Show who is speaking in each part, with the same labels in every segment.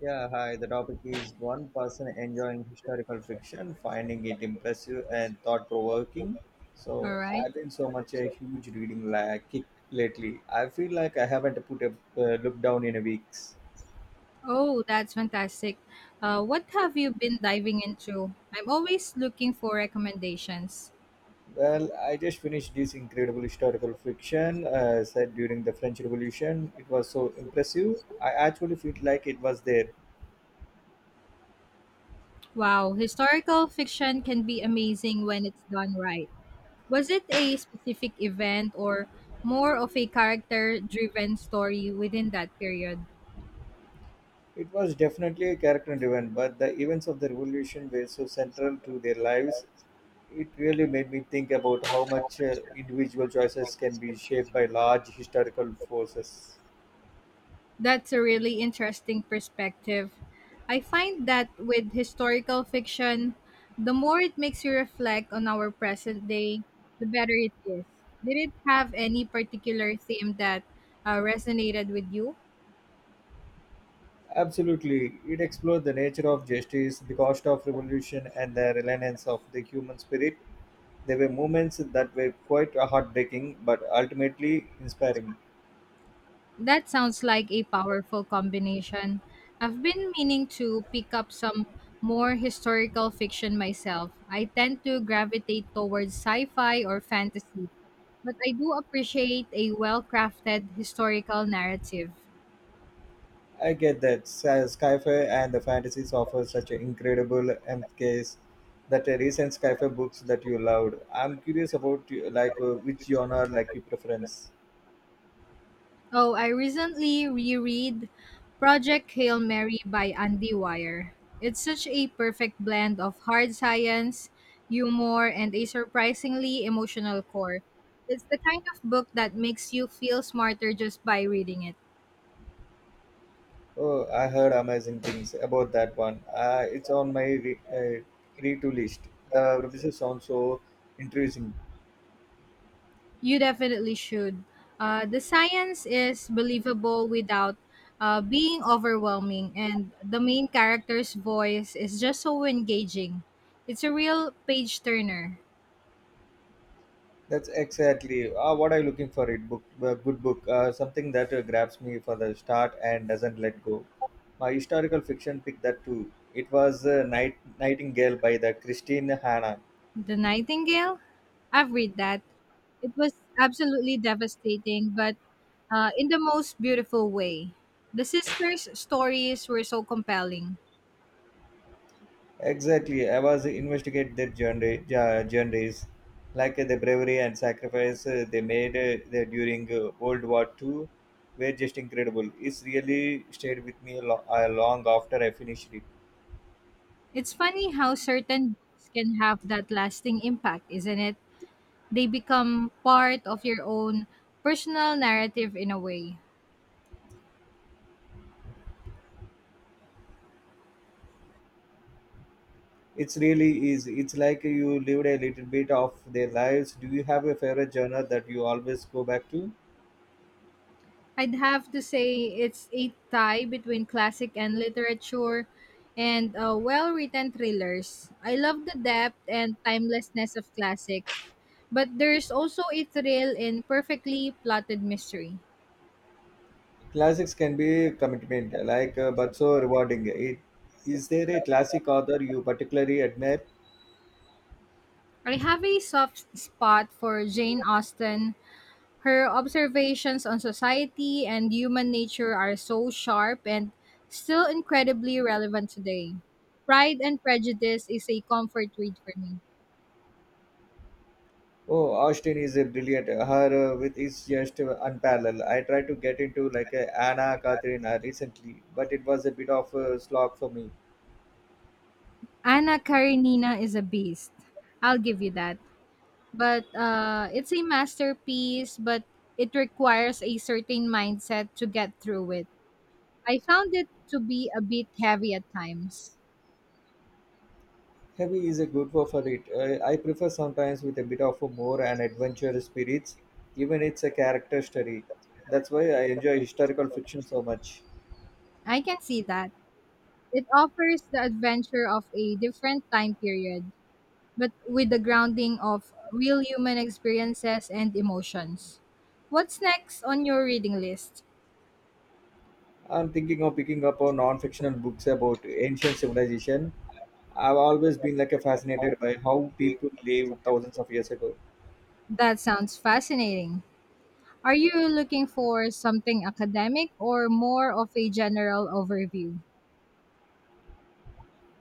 Speaker 1: Yeah, hi. The topic is one person enjoying historical fiction, finding it impressive and thought provoking.
Speaker 2: All
Speaker 1: So,
Speaker 2: right.
Speaker 1: I've been so much a huge reading like kick lately. I feel like I haven't put a look down in a weeks.
Speaker 2: Oh, that's fantastic. What have you been diving into? I'm always looking for recommendations.
Speaker 1: Well, I just finished this incredible historical fiction set during the French Revolution. It was so impressive. I actually feel like it was there.
Speaker 2: Wow, historical fiction can be amazing when it's done right. Was it a specific event or more of a character driven story within that period?
Speaker 1: It was definitely a character driven, but the events of the revolution were so central to their lives. It really made me think about how much individual choices can be shaped by large historical forces.
Speaker 2: That's a really interesting perspective. I find that with historical fiction, the more it makes you reflect on our present day, the better it is. Did it have any particular theme that resonated with you?
Speaker 1: Absolutely. It explored the nature of justice, the cost of revolution, and the reliance of the human spirit. There were moments that were quite heartbreaking, but ultimately inspiring.
Speaker 2: That sounds like a powerful combination. I've been meaning to pick up some more historical fiction myself. I tend to gravitate towards sci fi or fantasy, but I do appreciate a well crafted historical narrative.
Speaker 1: I get that sci-fi and the fantasies offer such an incredible M case that the recent sci-fi books that you loved. I'm curious about which genre like you preference.
Speaker 2: Oh, I recently reread Project Hail Mary by Andy Weir. It's such a perfect blend of hard science, humor, and a surprisingly emotional core. It's the kind of book that makes you feel smarter just by reading it.
Speaker 1: Oh, I heard amazing things about that one. It's on my read-to list. The premises sounds so interesting.
Speaker 2: You definitely should. The science is believable without being overwhelming, and the main character's voice is just so engaging. It's a real page turner.
Speaker 1: That's exactly what I'm looking for. It book, a good book, something that grabs me for the start and doesn't let go. My historical fiction picked that too. It was Nightingale by the Christine Hanna.
Speaker 2: The Nightingale? I've read that. It was absolutely devastating, but in the most beautiful way. The sisters' stories were so compelling.
Speaker 1: Exactly, I was investigate their journeys, the bravery and sacrifice they made there during World War Two, were just incredible. It's really stayed with me a long after I finished it.
Speaker 2: It's funny how certain books can have that lasting impact, isn't it? They become part of your own personal narrative in a way.
Speaker 1: It's really is. It's like you lived a little bit of their lives. Do you have a favorite genre that you always go back to?
Speaker 2: I'd have to say it's a tie between classic and literature and well written thrillers. I love the depth and timelessness of classic. But there's also a thrill in perfectly plotted mystery.
Speaker 1: Classics can be commitment, but so rewarding. Is there a classic author you particularly admire?
Speaker 2: I have a soft spot for Jane Austen. Her observations on society and human nature are so sharp and still incredibly relevant today. Pride and Prejudice is a comfort read for me.
Speaker 1: Oh, Austin is a brilliant. Her with is just unparalleled. I tried to get into like a Anna Catherine recently, but it was a bit of a slog for me.
Speaker 2: Anna Karenina is a beast. I'll give you that. But it's a masterpiece, but it requires a certain mindset to get through it. I found it to be a bit heavy at times.
Speaker 1: Heavy is a good one for it. I prefer sometimes with a bit of a more and adventure spirits, even it's a character study. That's why I enjoy historical fiction so much.
Speaker 2: I can see that. It offers the adventure of a different time period, but with the grounding of real human experiences and emotions. What's next on your reading list?
Speaker 1: I'm thinking of picking up on non-fictional books about ancient civilization. I've always been like a fascinated by how people lived thousands of years ago.
Speaker 2: That sounds fascinating. Are you looking for something academic or more of a general overview?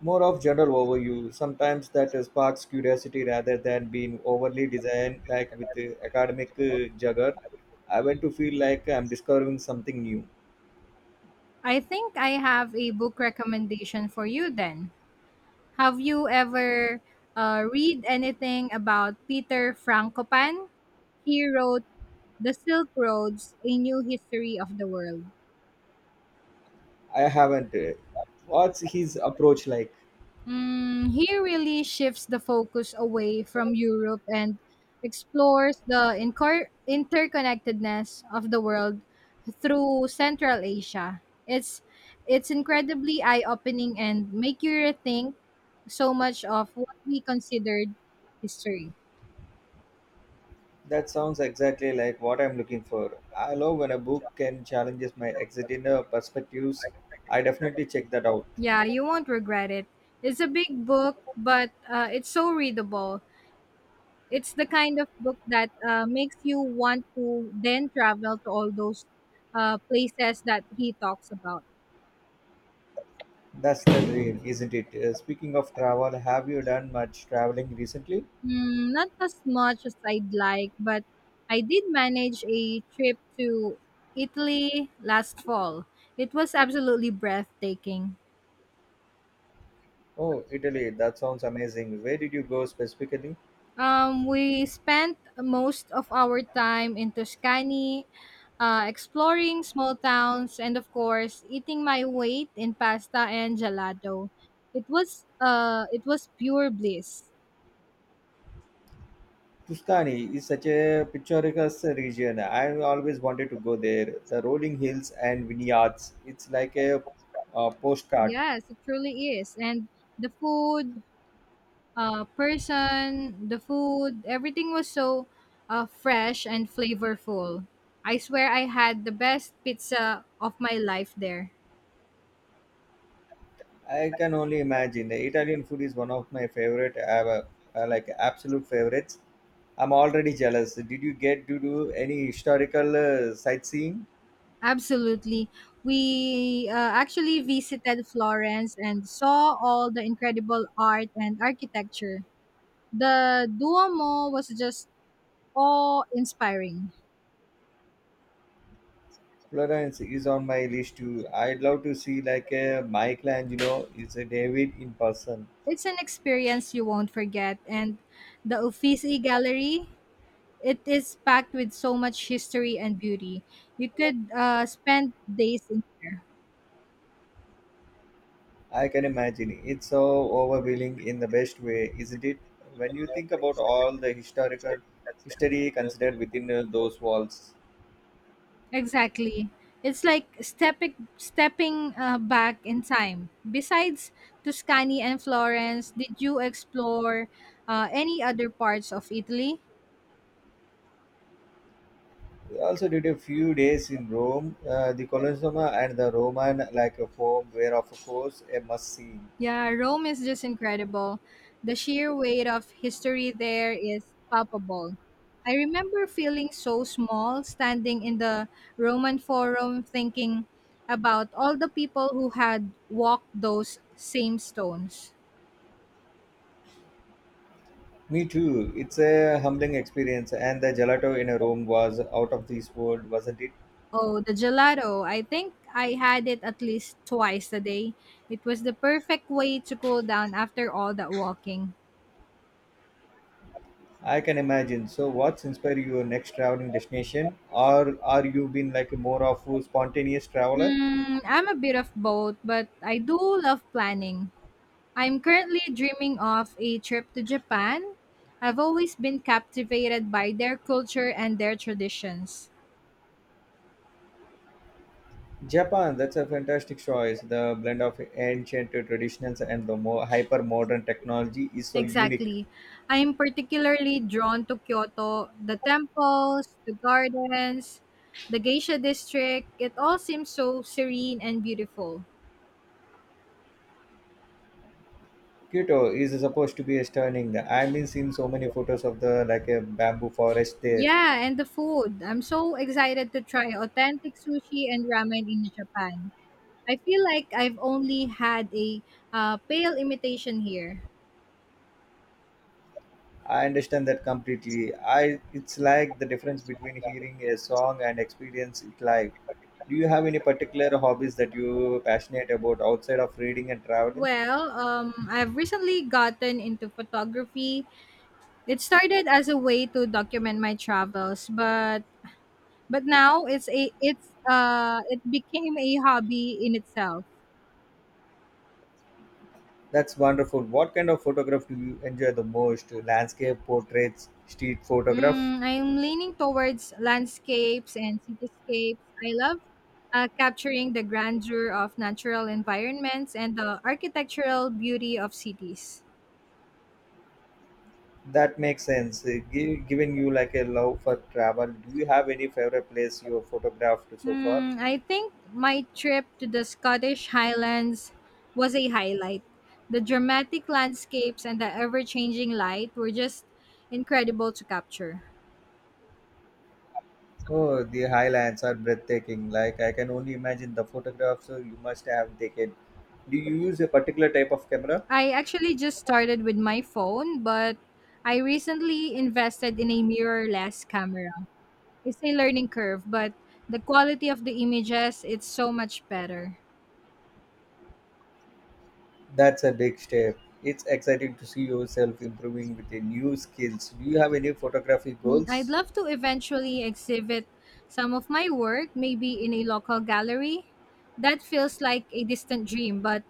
Speaker 1: More of general overview. Sometimes that sparks curiosity rather than being overly designed, like with academic jugger. I want to feel like I'm discovering something new.
Speaker 2: I think I have a book recommendation for you then. Have you ever read anything about Peter Frankopan? He wrote The Silk Roads, A New History of the World.
Speaker 1: I haven't. What's his approach like?
Speaker 2: Mm, he really shifts the focus away from Europe and explores the interconnectedness of the world through Central Asia. It's incredibly eye-opening and make you rethink so much of what we considered history.
Speaker 1: That sounds exactly like what I'm looking for. I love when a book can challenges my existing perspectives. I definitely check that out.
Speaker 2: Yeah, you won't regret it. It's a big book, but it's so readable. It's the kind of book that makes you want to then travel to all those places that he talks about.
Speaker 1: That's the dream, isn't it? Speaking of travel, have you done much traveling recently?
Speaker 2: Mm, not as much as I'd like, but I did manage a trip to Italy last fall. It was absolutely breathtaking.
Speaker 1: Oh, Italy, that sounds amazing. Where did you go specifically?
Speaker 2: We spent most of our time in Tuscany, exploring small towns, and of course, eating my weight in pasta and gelato. It was pure bliss.
Speaker 1: Tuscany is such a picturesque region. I always wanted to go there. The rolling hills and vineyards. It's like a, postcard.
Speaker 2: Yes, it truly is. And the food, the food, everything was so fresh and flavorful. I swear I had the best pizza of my life there.
Speaker 1: I can only imagine. The Italian food is one of my favorite, ever, absolute favorites. I'm already jealous. Did you get to do any historical sightseeing?
Speaker 2: Absolutely. We actually visited Florence and saw all the incredible art and architecture. The Duomo was just awe inspiring.
Speaker 1: Florence is on my list too. I'd love to see like a Michelangelo is a David in person.
Speaker 2: It's an experience you won't forget. And the Uffizi Gallery, it is packed with so much history and beauty. You could spend days in there.
Speaker 1: I can imagine. It's so overwhelming in the best way, isn't it? When you think about all the historical history considered within those walls.
Speaker 2: Exactly. It's like stepping back in time. Besides Tuscany and Florence, did you explore any other parts of Italy?
Speaker 1: We also did a few days in Rome. The Colosseum and the Roman like a form were of course a must see.
Speaker 2: Yeah, Rome is just incredible. The sheer weight of history there is palpable. I remember feeling so small standing in the Roman Forum thinking about all the people who had walked those same stones.
Speaker 1: Me too. It's a humbling experience, and the gelato in Rome was out of this world, wasn't it?
Speaker 2: Oh, the gelato. I think I had it at least twice a day. It was the perfect way to cool down after all that walking.
Speaker 1: I can imagine. So, what's inspired your next traveling destination, or are you been like more of a spontaneous traveler?
Speaker 2: Hmm, I'm a bit of both, but I do love planning. I'm currently dreaming of a trip to Japan. I've always been captivated by their culture and their traditions.
Speaker 1: Japan, that's a fantastic choice. The blend of ancient traditions and the more hyper modern technology is so unique.
Speaker 2: Exactly. I am particularly drawn to Kyoto, the temples, the gardens, the geisha district. It all seems so serene and beautiful.
Speaker 1: Kyoto is supposed to be stunning. I've been seeing so many photos of the like a bamboo forest there.
Speaker 2: Yeah, and the food. I'm so excited to try authentic sushi and ramen in Japan. I feel like I've only had a pale imitation here.
Speaker 1: I understand that completely. I it's like the difference between hearing a song and experience it live. Do you have any particular hobbies that you passionate about outside of reading and traveling?
Speaker 2: Well, I've recently gotten into photography. It started as a way to document my travels, but now it became a hobby in itself.
Speaker 1: That's wonderful. What kind of photograph do you enjoy the most? Landscape, portraits, street photograph?
Speaker 2: Mm, I'm leaning towards landscapes and cityscapes. I love capturing the grandeur of natural environments and the architectural beauty of cities.
Speaker 1: That makes sense. Given you like a love for travel, do you have any favorite place you have photographed so far?
Speaker 2: Hmm, I think my trip to the Scottish Highlands was a highlight. The dramatic landscapes and the ever changing light were just incredible to capture.
Speaker 1: Oh, the highlands are breathtaking. Like I can only imagine the photographs you must have taken. Do you use a particular type of camera?
Speaker 2: I actually just started with my phone, but I recently invested in a mirrorless camera. It's a learning curve, but the quality of the images it's so much better.
Speaker 1: That's a big step. It's exciting to see yourself improving with the new skills. Do you have any photography
Speaker 2: Mm, I'd
Speaker 1: goals?
Speaker 2: love to eventually exhibit some of my work maybe in a local gallery. That feels like a distant dream, but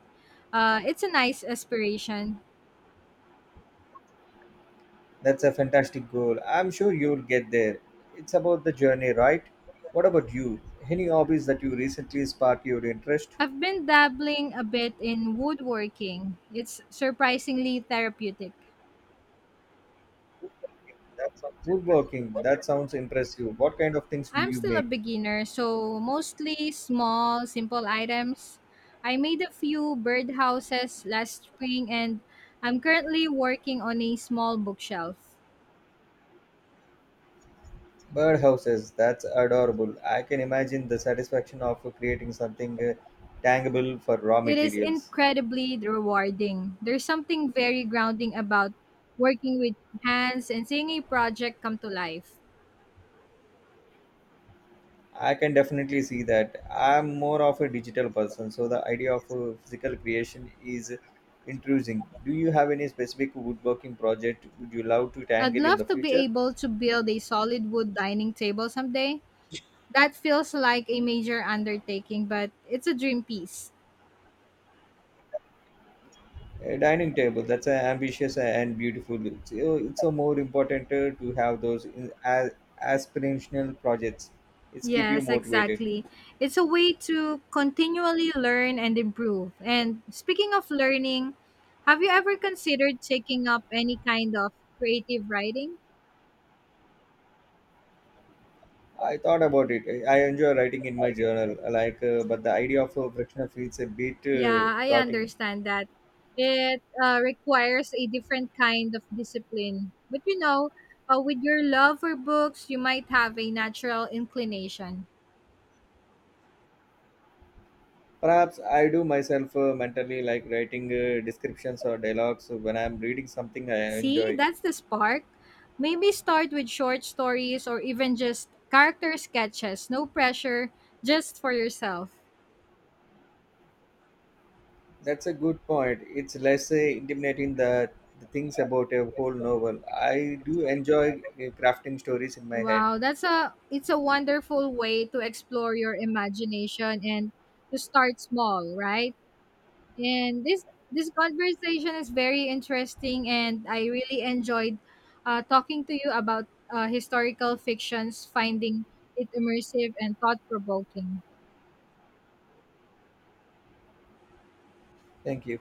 Speaker 2: it's a nice aspiration.
Speaker 1: That's a fantastic goal. I'm sure you'll get there. It's about the journey, right? What about you? Any hobbies that you recently sparked your interest?
Speaker 2: I've been dabbling a bit in woodworking. It's surprisingly therapeutic.
Speaker 1: Woodworking, that sounds impressive. What kind of things do
Speaker 2: I'm
Speaker 1: you
Speaker 2: still a
Speaker 1: make?
Speaker 2: beginner, so mostly small, simple items. I made a few birdhouses last spring and I'm currently working on a small bookshelf.
Speaker 1: Birdhouses, that's adorable. I can imagine the satisfaction of creating something tangible for raw
Speaker 2: It is
Speaker 1: materials.
Speaker 2: incredibly rewarding. There's something very grounding about working with hands and seeing a project come to life.
Speaker 1: I can definitely see that. I'm more of a digital person, so the idea of physical creation is intriguing. Do you have any specific woodworking project would you love to
Speaker 2: I'd
Speaker 1: tangle in the
Speaker 2: love to be
Speaker 1: future?
Speaker 2: able to build a solid wood dining table someday. That feels like a major undertaking, but it's a dream piece.
Speaker 1: A dining table, that's ambitious and beautiful. It's a more important to have those in, as, aspirational projects. It's keep you
Speaker 2: Yes,
Speaker 1: motivated.
Speaker 2: exactly. It's a way to continually learn and improve. And speaking of learning, have you ever considered taking up any kind of creative writing?
Speaker 1: I thought about it. I enjoy writing in my journal, but the idea of a frictional feels a bit
Speaker 2: Yeah, I
Speaker 1: daunting.
Speaker 2: understand that. It requires a different kind of discipline. But you know, with your love for books, you might have a natural inclination.
Speaker 1: Perhaps I do myself mentally, like writing descriptions or dialogues when I'm reading something I
Speaker 2: See,
Speaker 1: enjoy.
Speaker 2: that's the spark. Maybe start with short stories or even just character sketches. No pressure, just for yourself.
Speaker 1: That's a good point. It's less intimidating the things about a whole novel. I do enjoy crafting stories in my head.
Speaker 2: Wow, that's a wonderful way to explore your imagination and to start small, right? And this conversation is very interesting and I really enjoyed talking to you about historical fictions, finding it immersive and thought provoking.
Speaker 1: Thank you.